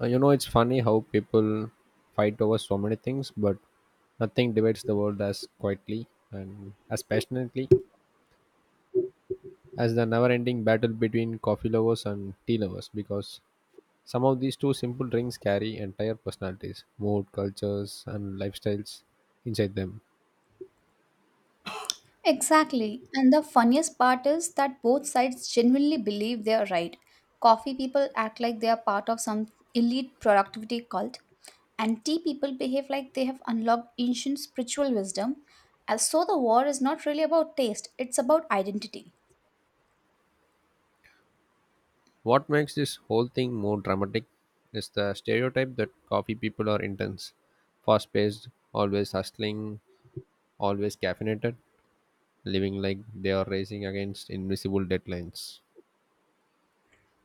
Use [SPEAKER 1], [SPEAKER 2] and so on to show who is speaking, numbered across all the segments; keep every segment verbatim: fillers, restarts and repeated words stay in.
[SPEAKER 1] Uh, you know, it's funny how people fight over so many things, but nothing divides the world as quietly and as passionately as the never ending battle between coffee lovers and tea lovers because some of these two simple drinks carry entire personalities, mood, cultures, and lifestyles inside them.
[SPEAKER 2] Exactly. And the funniest part is that both sides genuinely believe they are right. Coffee people act like they are part of some elite productivity cult, and tea people behave like they have unlocked ancient spiritual wisdom. And so the war is not really about taste, it's about identity.
[SPEAKER 1] What makes this whole thing more dramatic is the stereotype that coffee people are intense, fast paced, always hustling, always caffeinated living like they are racing against invisible deadlines.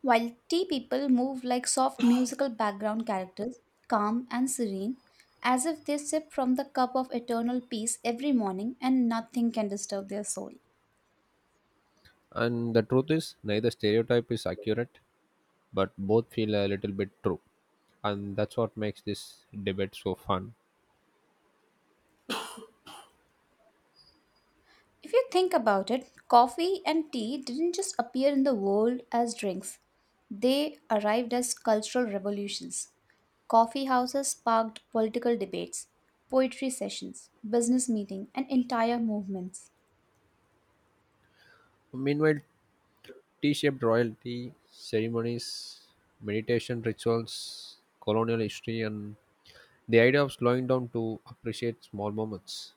[SPEAKER 2] While tea people move like soft musical background characters, calm and serene, as if they sip from the cup of eternal peace every morning and nothing can disturb their soul.
[SPEAKER 1] And the truth is, neither stereotype is accurate, but both feel a little bit true. And that's what makes this debate so fun.
[SPEAKER 2] If you think about it, coffee and tea didn't just appear in the world as drinks, they arrived as cultural revolutions. Coffee houses sparked political debates, poetry sessions, business meetings, and entire movements.
[SPEAKER 1] Meanwhile, T shaped royalty, ceremonies, meditation rituals, colonial history, and the idea of slowing down to appreciate small moments.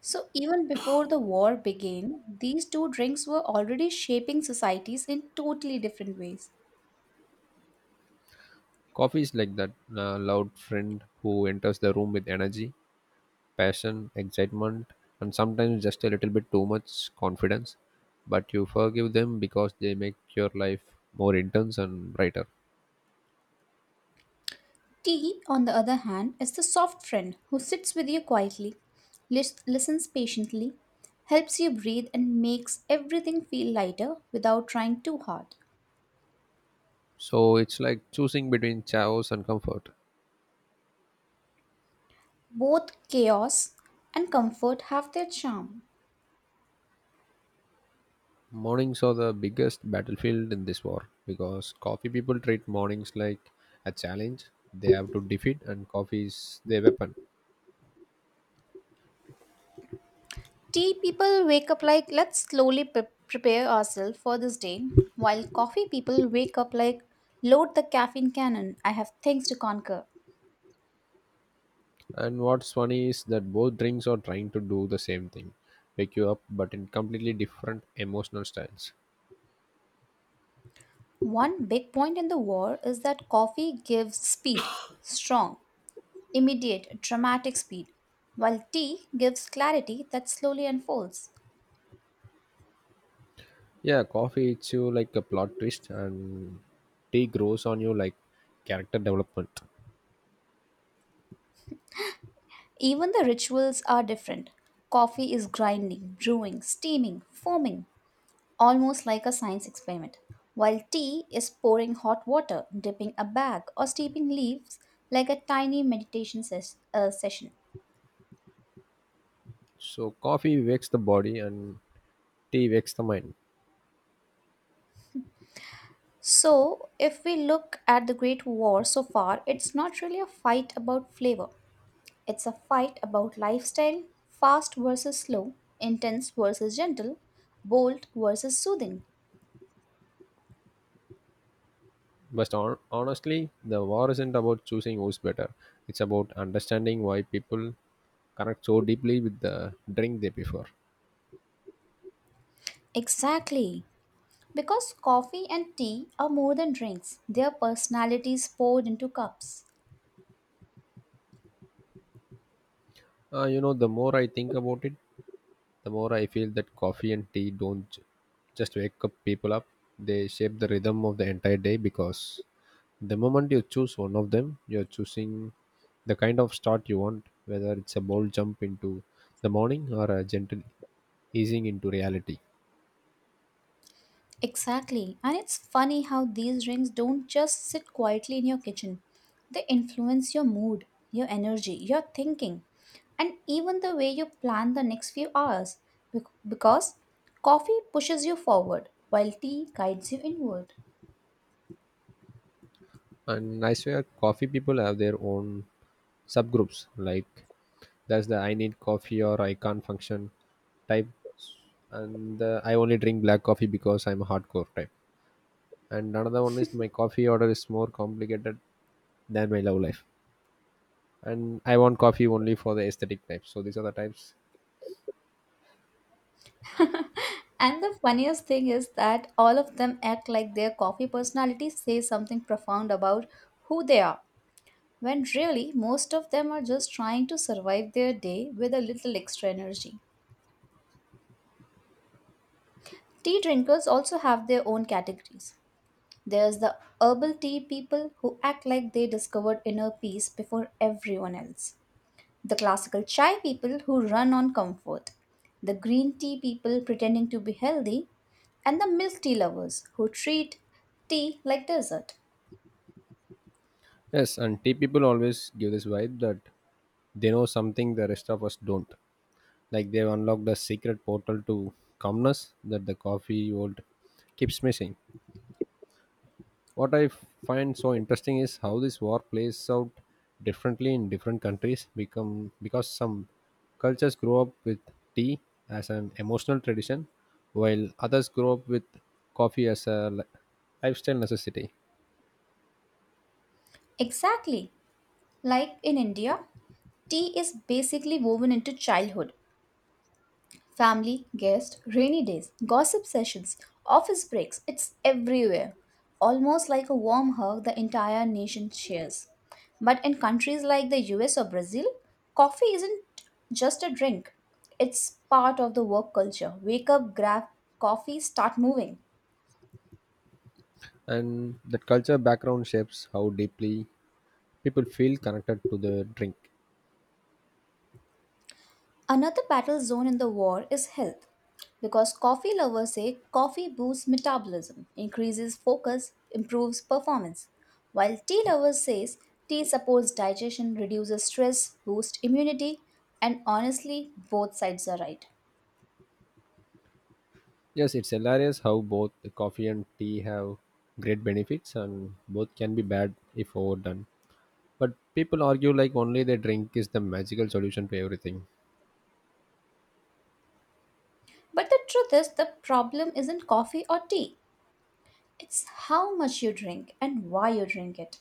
[SPEAKER 2] So, even before the war began, these two drinks were already shaping societies in totally different ways.
[SPEAKER 1] Coffee is like that uh, loud friend who enters the room with energy, passion, excitement, and sometimes just a little bit too much confidence. But you forgive them because they make your life more intense and brighter.
[SPEAKER 2] Tea, on the other hand, is the soft friend who sits with you quietly, lis- listens patiently, helps you breathe, and makes everything feel lighter without trying too hard.
[SPEAKER 1] So it's like choosing between chaos and comfort.
[SPEAKER 2] Both chaos and comfort have their charm.
[SPEAKER 1] Mornings are the biggest battlefield in this war because coffee people treat mornings like a challenge they have to defeat, and coffee is their weapon.
[SPEAKER 2] Tea people wake up like, let's slowly pre- prepare ourselves for this day, while coffee people wake up like, load the caffeine cannon, I have things to conquer.
[SPEAKER 1] And what's funny is that both drinks are trying to do the same thing wake you up, but in completely different emotional styles.
[SPEAKER 2] One big point in the war is that coffee gives speed, strong, immediate, dramatic speed, while tea gives clarity that slowly unfolds.
[SPEAKER 1] Yeah, coffee hits you like a plot twist, and tea grows on you like character development.
[SPEAKER 2] Even the rituals are different. Coffee is grinding, brewing, steaming, foaming, almost like a science experiment, while tea is pouring hot water, dipping a bag, or steeping leaves like a tiny meditation ses- uh, session.
[SPEAKER 1] So, coffee wakes the body, and tea wakes the mind.
[SPEAKER 2] So, if we look at the Great War so far, it's not really a fight about flavor. It's a fight about lifestyle, fast versus slow, intense versus gentle, bold versus soothing.
[SPEAKER 1] But hon- honestly, the war isn't about choosing who's better, it's about understanding why people connect so deeply with the drink they prefer.
[SPEAKER 2] Exactly. Because coffee and tea are more than drinks, they are personalities poured into cups.
[SPEAKER 1] Uh, you know, the more I think about it, the more I feel that coffee and tea don't j- just wake up people up, they shape the rhythm of the entire day because the moment you choose one of them, you're choosing the kind of start you want, whether it's a bold jump into the morning or a gentle easing into reality.
[SPEAKER 2] Exactly. And it's funny how these rings don't just sit quietly in your kitchen. They influence your mood, your energy, your thinking, and even the way you plan the next few hours. Bec- Because coffee pushes you forward, while tea guides you inward.
[SPEAKER 1] And I swear, coffee people have their own subgroups. Like, there's the "I need coffee or I can't function" type, and the "I only drink black coffee because I'm a hardcore" type. And another one is "my coffee order is more complicated than my love life." And "I want coffee only for the aesthetic" type. So these are the types.
[SPEAKER 2] And the funniest thing is that all of them act like their coffee personality says something profound about who they are, when really most of them are just trying to survive their day with a little extra energy. Tea drinkers also have their own categories. There's the herbal tea people who act like they discovered inner peace before everyone else. The classical chai people who run on comfort. The green tea people pretending to be healthy. And the milk tea lovers who treat tea like dessert.
[SPEAKER 1] Yes, and tea people always give this vibe that they know something the rest of us don't. Like they've unlocked a secret portal to calmness that the coffee world keeps missing. What I find so interesting is how this war plays out differently in different countries become because some cultures grow up with tea as an emotional tradition while others grow up with coffee as a li- lifestyle necessity.
[SPEAKER 2] Exactly. Like in India, tea is basically woven into childhood. Family, guests, rainy days, gossip sessions, office breaks, it's everywhere. Almost like a warm hug the entire nation shares. But in countries like the U S or Brazil, coffee isn't just a drink, it's part of the work culture. Wake up, grab coffee, start moving.
[SPEAKER 1] And that culture background shapes how deeply people feel connected to the drink.
[SPEAKER 2] Another battle zone in the war is health, because coffee lovers say coffee boosts metabolism, increases focus, improves performance, while tea lovers says tea supports digestion, reduces stress, boosts immunity, and honestly, both sides are right.
[SPEAKER 1] Yes, it's hilarious how both the coffee and tea have great benefits and both can be bad if overdone. But people argue like only the drink is the magical solution to everything.
[SPEAKER 2] But the truth is, the problem isn't coffee or tea. It's how much you drink and why you drink it.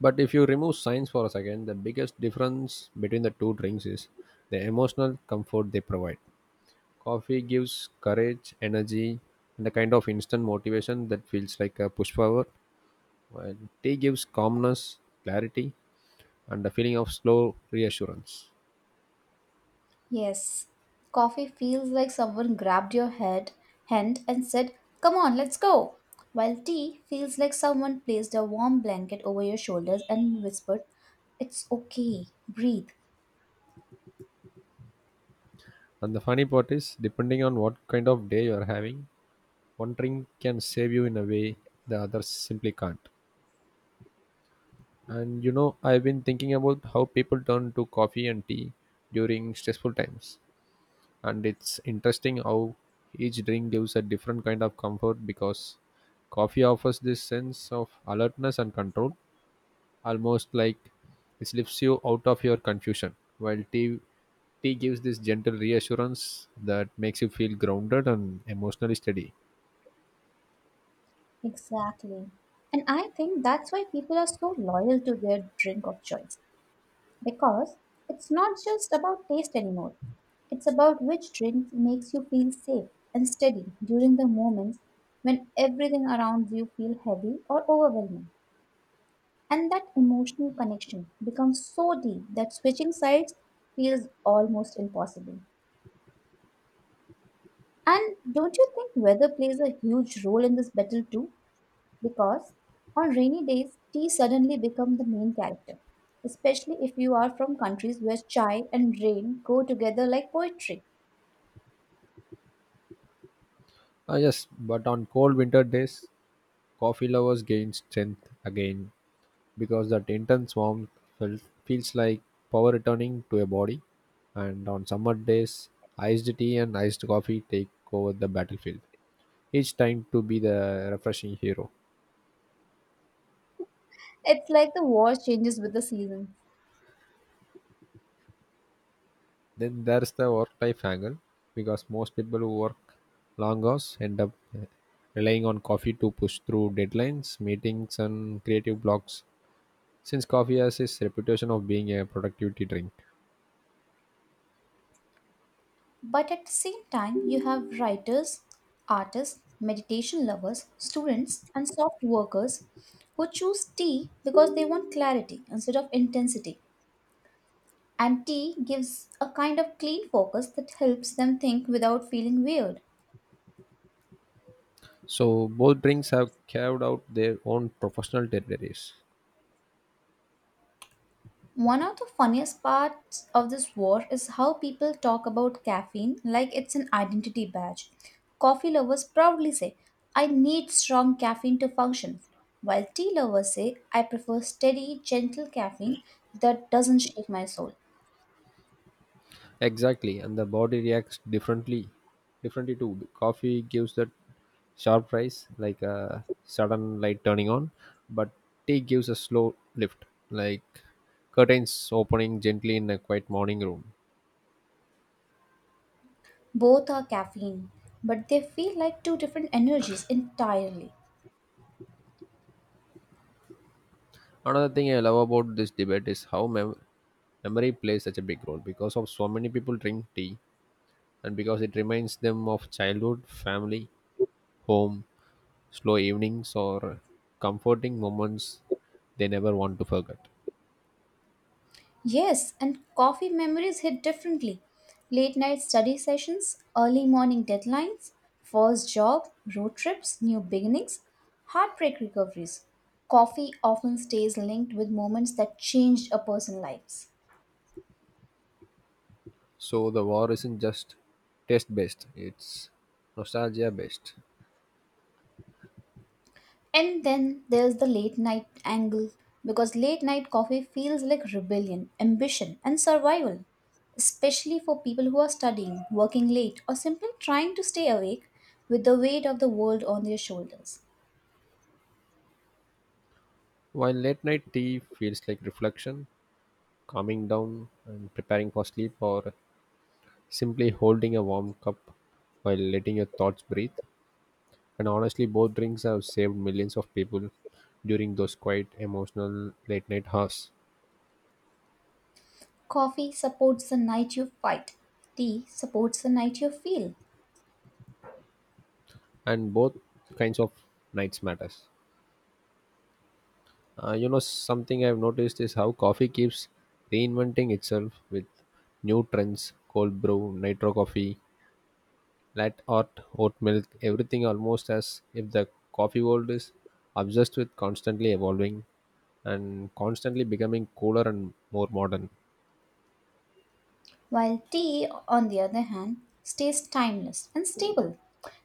[SPEAKER 1] But if you remove science for a second, the biggest difference between the two drinks is the emotional comfort they provide. Coffee gives courage, energy, and a kind of instant motivation that feels like a push forward, while tea gives calmness, clarity, and a feeling of slow reassurance.
[SPEAKER 2] Yes, coffee feels like someone grabbed your head hand and said, "Come on, let's go." While tea feels like someone placed a warm blanket over your shoulders and whispered, "It's okay, breathe."
[SPEAKER 1] And the funny part is, depending on what kind of day you are having, one drink can save you in a way the others simply can't. And you know, I've been thinking about how people turn to coffee and tea during stressful times. And it's interesting how each drink gives a different kind of comfort because coffee offers this sense of alertness and control, almost like it lifts you out of your confusion, while tea Tea gives this gentle reassurance that makes you feel grounded and emotionally steady.
[SPEAKER 2] Exactly. And I think that's why people are so loyal to their drink of choice because it's not just about taste anymore. It's about which drink makes you feel safe and steady during the moments when everything around you feel heavy or overwhelming. And that emotional connection becomes so deep that switching sides feels almost impossible. And don't you think weather plays a huge role in this battle too? Because on rainy days, tea suddenly becomes the main character, especially if you are from countries where chai and rain go together like poetry.
[SPEAKER 1] Ah, yes, but on cold winter days, coffee lovers gain strength again because that intense warmth felt, feels like power returning to a body. And on summer days, iced tea and iced coffee take over the battlefield, each time to be the refreshing hero.
[SPEAKER 2] It's like the war changes with the season.
[SPEAKER 1] Then there's the work life angle because most people who work long hours end up uh, relying on coffee to push through deadlines, meetings, and creative blocks since coffee has its reputation of being a productivity drink.
[SPEAKER 2] But at the same time, you have writers, artists, meditation lovers, students, and soft workers who choose tea because they want clarity instead of intensity. And tea gives a kind of clean focus that helps them think without feeling weird.
[SPEAKER 1] So both drinks have carved out their own professional territories.
[SPEAKER 2] One of the funniest parts of this war is how people talk about caffeine like it's an identity badge. Coffee lovers proudly say, I need strong caffeine to function, while tea lovers say, I prefer steady, gentle caffeine that doesn't shake my soul.
[SPEAKER 1] Exactly, and the body reacts differently. Differently too. The coffee gives that sharp rise, like a sudden light turning on, but tea gives a slow lift, like curtains opening gently in a quiet morning room.
[SPEAKER 2] Both are caffeine, but they feel like two different energies entirely.
[SPEAKER 1] Another thing I love about this debate is how mem- memory plays such a big role because of so many people drink tea and because it reminds them of childhood, family, home, slow evenings, or comforting moments they never want to forget.
[SPEAKER 2] Yes, and coffee memories hit differently. Late night study sessions, early morning deadlines, first job, road trips, new beginnings, heartbreak recoveries. Coffee often stays linked with moments that changed a person's lives.
[SPEAKER 1] So the war isn't just taste based, it's nostalgia based.
[SPEAKER 2] And then there's the late night angle because late night coffee feels like rebellion, ambition, and survival, especially for people who are studying, working late, or simply trying to stay awake with the weight of the world on their shoulders.
[SPEAKER 1] While late night tea feels like reflection, calming down and preparing for sleep, or simply holding a warm cup while letting your thoughts breathe. And honestly, both drinks have saved millions of people during those quiet, emotional late night hours.
[SPEAKER 2] Coffee supports the night you fight, tea supports the night you feel,
[SPEAKER 1] And both kinds of nights matters. Uh, you know, something I've noticed is how coffee keeps reinventing itself with new trends cold brew, nitro coffee, latte art, oat milk, everything almost as if the coffee world is obsessed with constantly evolving and constantly becoming cooler and more modern.
[SPEAKER 2] while tea, on the other hand, stays timeless and stable.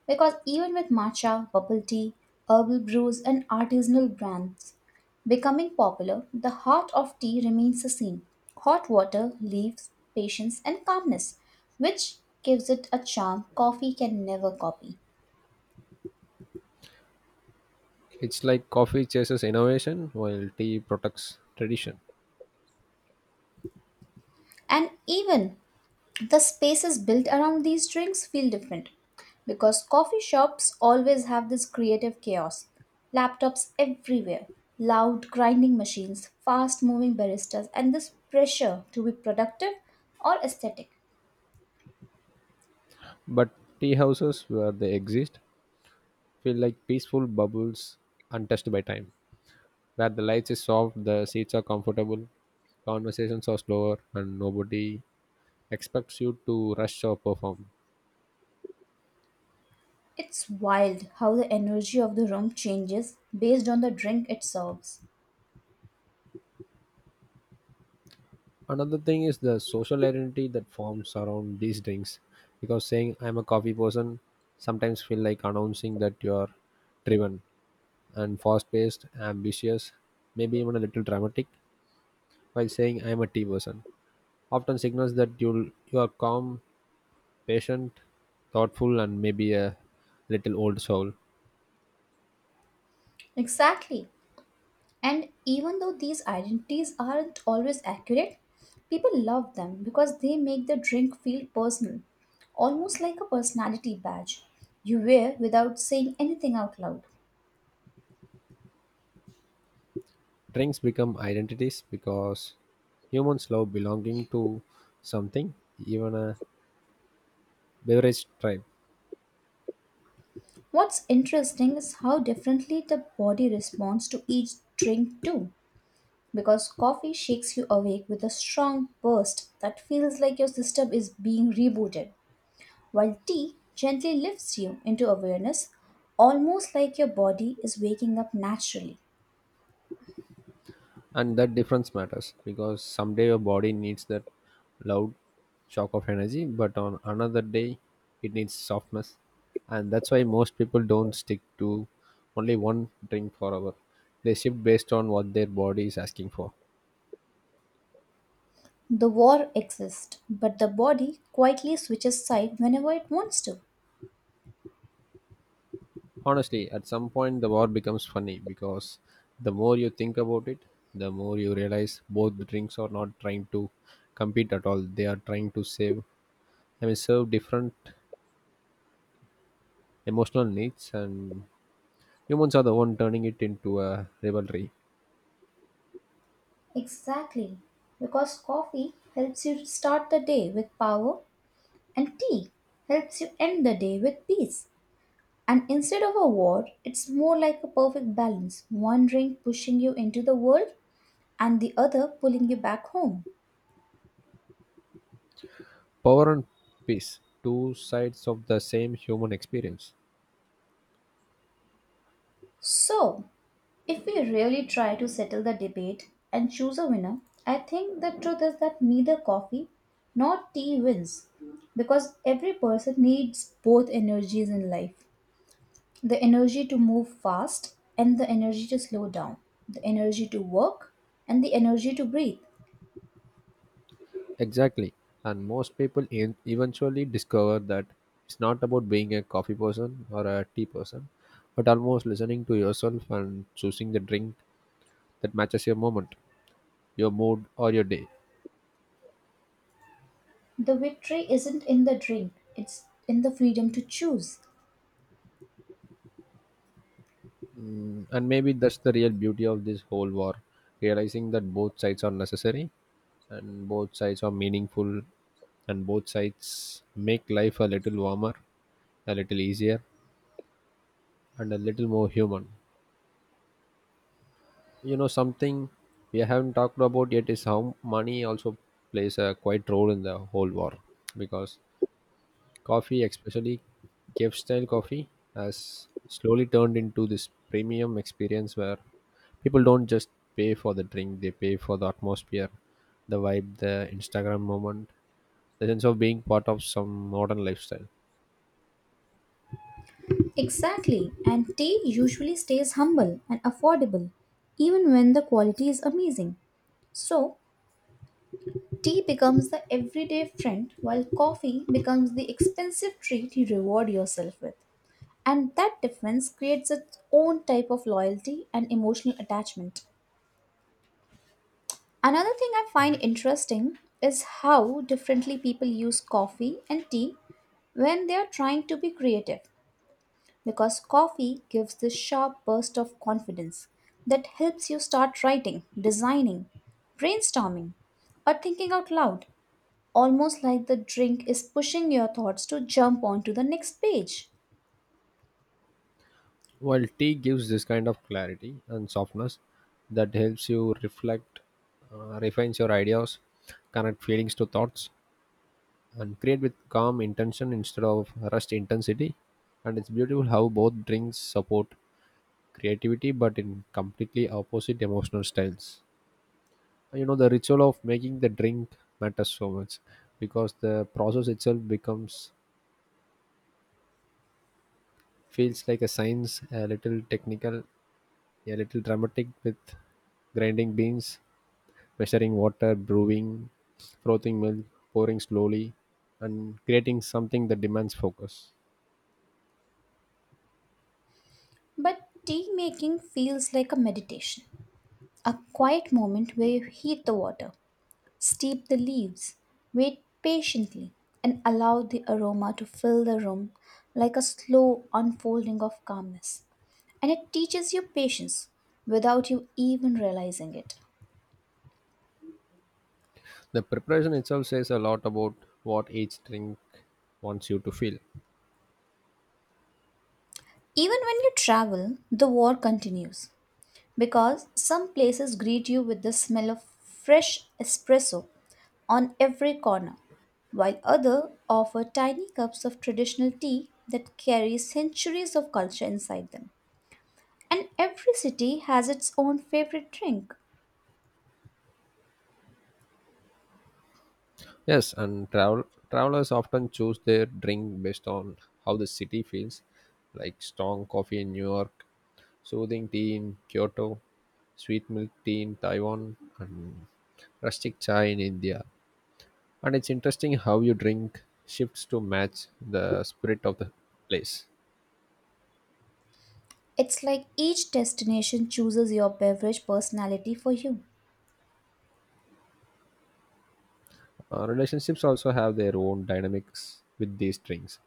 [SPEAKER 2] Because even with matcha, bubble tea, herbal brews, and artisanal brands becoming popular, the heart of tea remains the same hot water, leaves, patience, and calmness, which gives it a charm coffee can never copy.
[SPEAKER 1] It's like coffee chases innovation while tea protects tradition.
[SPEAKER 2] And even the spaces built around these drinks feel different because coffee shops always have this creative chaos. Laptops everywhere, loud grinding machines, fast moving baristas, and this pressure to be productive or aesthetic.
[SPEAKER 1] But tea houses, where they exist, feel like peaceful bubbles untouched by time, where the lights is soft, the seats are comfortable, conversations are slower, and nobody expects you to rush or perform.
[SPEAKER 2] It's wild how the energy of the room changes based on the drink it serves.
[SPEAKER 1] Another thing is the social identity that forms around these drinks, because saying "I'm a coffee person" sometimes feel like announcing that you are driven and fast-paced, ambitious, maybe even a little dramatic, while saying "I'm a tea person" often signals that you'll you are calm, patient, thoughtful, and maybe a little old soul.
[SPEAKER 2] Exactly. And even though these identities aren't always accurate, people love them because they make the drink feel personal, almost like a personality badge you wear without saying anything out loud.
[SPEAKER 1] Drinks become identities because humans love belonging to something, even a beverage tribe.
[SPEAKER 2] What's interesting is how differently the body responds to each drink, too, because coffee shakes you awake with a strong burst that feels like your system is being rebooted, while tea gently lifts you into awareness, almost like your body is waking up naturally.
[SPEAKER 1] And that difference matters because someday your body needs that loud shock of energy, but on another day it needs softness. And that's why most people don't stick to only one drink forever. They shift based on what their body is asking for.
[SPEAKER 2] The war exists, but the body quietly switches side whenever it wants to.
[SPEAKER 1] Honestly, at some point the war becomes funny because the more you think about it, the more you realize both drinks are not trying to compete at all. They are trying to save, I mean, serve different emotional needs, and humans are the one turning it into a rivalry.
[SPEAKER 2] Exactly. Because coffee helps you start the day with power, and tea helps you end the day with peace. And instead of a war, it's more like a perfect balance one drink pushing you into the world, and the other pulling you back home.
[SPEAKER 1] Power and peace, two sides of the same human experience.
[SPEAKER 2] So, if we really try to settle the debate and choose a winner, I think the truth is that neither coffee nor tea wins because every person needs both energies in life the energy to move fast and the energy to slow down, the energy to work and the energy to breathe.
[SPEAKER 1] Exactly. And most people en- eventually discover that it's not about being a coffee person or a tea person, but almost listening to yourself and choosing the drink that matches your moment, your mood, or your day.
[SPEAKER 2] The victory isn't in the drink, it's in the freedom to choose.
[SPEAKER 1] Mm, and maybe that's the real beauty of this whole war realizing that both sides are necessary, and both sides are meaningful, and both sides make life a little warmer, a little easier, and a little more human. You know, something we haven't talked about yet is how money also plays a quite role in the whole war because coffee, especially cave style coffee, has slowly turned into this premium experience where people don't just pay for the drink, they pay for the atmosphere, the vibe, the Instagram moment, the sense of being part of some modern lifestyle.
[SPEAKER 2] Exactly, and tea usually stays humble and affordable even when the quality is amazing. So, tea becomes the everyday friend, while coffee becomes the expensive treat you reward yourself with. And that difference creates its own type of loyalty and emotional attachment. Another thing I find interesting is how differently people use coffee and tea when they are trying to be creative, because coffee gives this sharp burst of confidence that helps you start writing, designing, brainstorming, or thinking out loud almost like the drink is pushing your thoughts to jump onto the next page.
[SPEAKER 1] While tea gives this kind of clarity and softness that helps you reflect, uh, refines your ideas, connect feelings to thoughts, and create with calm intention instead of rushed intensity. And it's beautiful how both drinks support creativity but in completely opposite emotional styles. And you know, the ritual of making the drink matters so much because the process itself becomes feels like a science, a little technical, a little dramatic with grinding beans, measuring water, brewing, frothing milk, pouring slowly, and creating something that demands focus.
[SPEAKER 2] But tea making feels like a meditation, a quiet moment where you heat the water, steep the leaves, wait patiently, and allow the aroma to fill the room like a slow unfolding of calmness. And it teaches you patience without you even realizing it.
[SPEAKER 1] The preparation itself says a lot about what each drink wants you to feel.
[SPEAKER 2] Even when you travel, the war continues. Because some places greet you with the smell of fresh espresso on every corner, while others offer tiny cups of traditional tea that carry centuries of culture inside them. And every city has its own favorite drink.
[SPEAKER 1] Yes, and travel travelers often choose their drink based on how the city feels, like strong coffee in New York, soothing tea in Kyoto, sweet milk tea in Taiwan, and rustic chai in India. And it's interesting how you drink shifts to match the spirit of the place.
[SPEAKER 2] It's like each destination chooses your beverage personality for you.
[SPEAKER 1] Uh, relationships also have their own dynamics with these drinks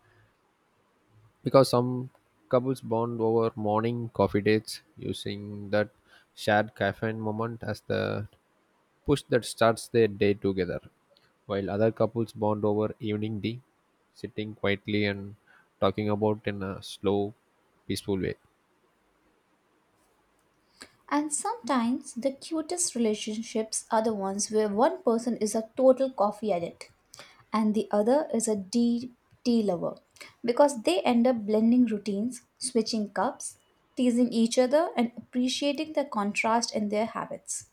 [SPEAKER 1] because some couples bond over morning coffee dates using that shared caffeine moment as the push that starts their day together, while other couples bond over evening tea, sitting quietly and talking about in a slow, peaceful way.
[SPEAKER 2] And sometimes the cutest relationships are the ones where one person is a total coffee addict and the other is a deep tea lover because they end up blending routines, switching cups, teasing each other, and appreciating the contrast in their habits.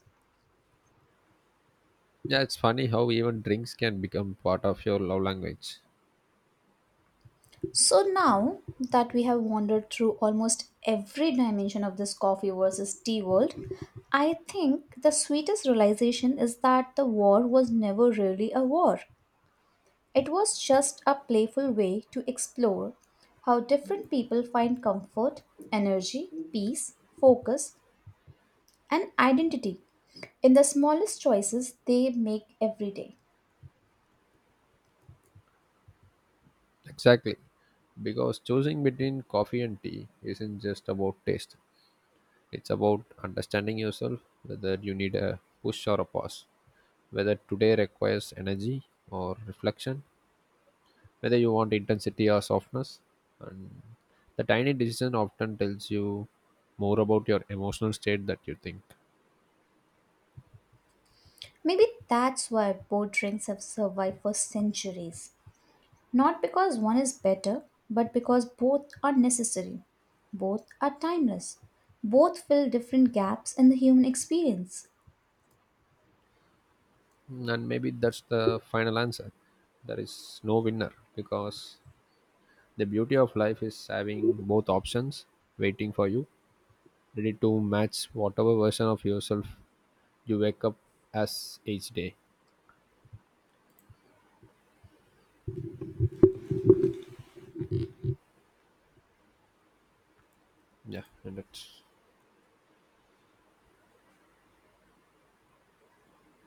[SPEAKER 1] Yeah, it's funny how even drinks can become part of your love language.
[SPEAKER 2] So now that we have wandered through almost every dimension of this coffee versus tea world, I think the sweetest realization is that the war was never really a war. It was just a playful way to explore how different people find comfort, energy, peace, focus, and identity in the smallest choices they make every day.
[SPEAKER 1] Exactly. Because choosing between coffee and tea isn't just about taste, it's about understanding yourself, whether you need a push or a pause, whether today requires energy or reflection, whether you want intensity or softness. And the tiny decision often tells you more about your emotional state that you think.
[SPEAKER 2] Maybe that's why both drinks have survived for centuries. Not because one is better, but because both are necessary. Both are timeless. Both fill different gaps in the human experience.
[SPEAKER 1] And maybe that's the final answer. There is no winner because the beauty of life is having both options waiting for you, ready to match whatever version of yourself you wake up as each day. Yeah, and that's.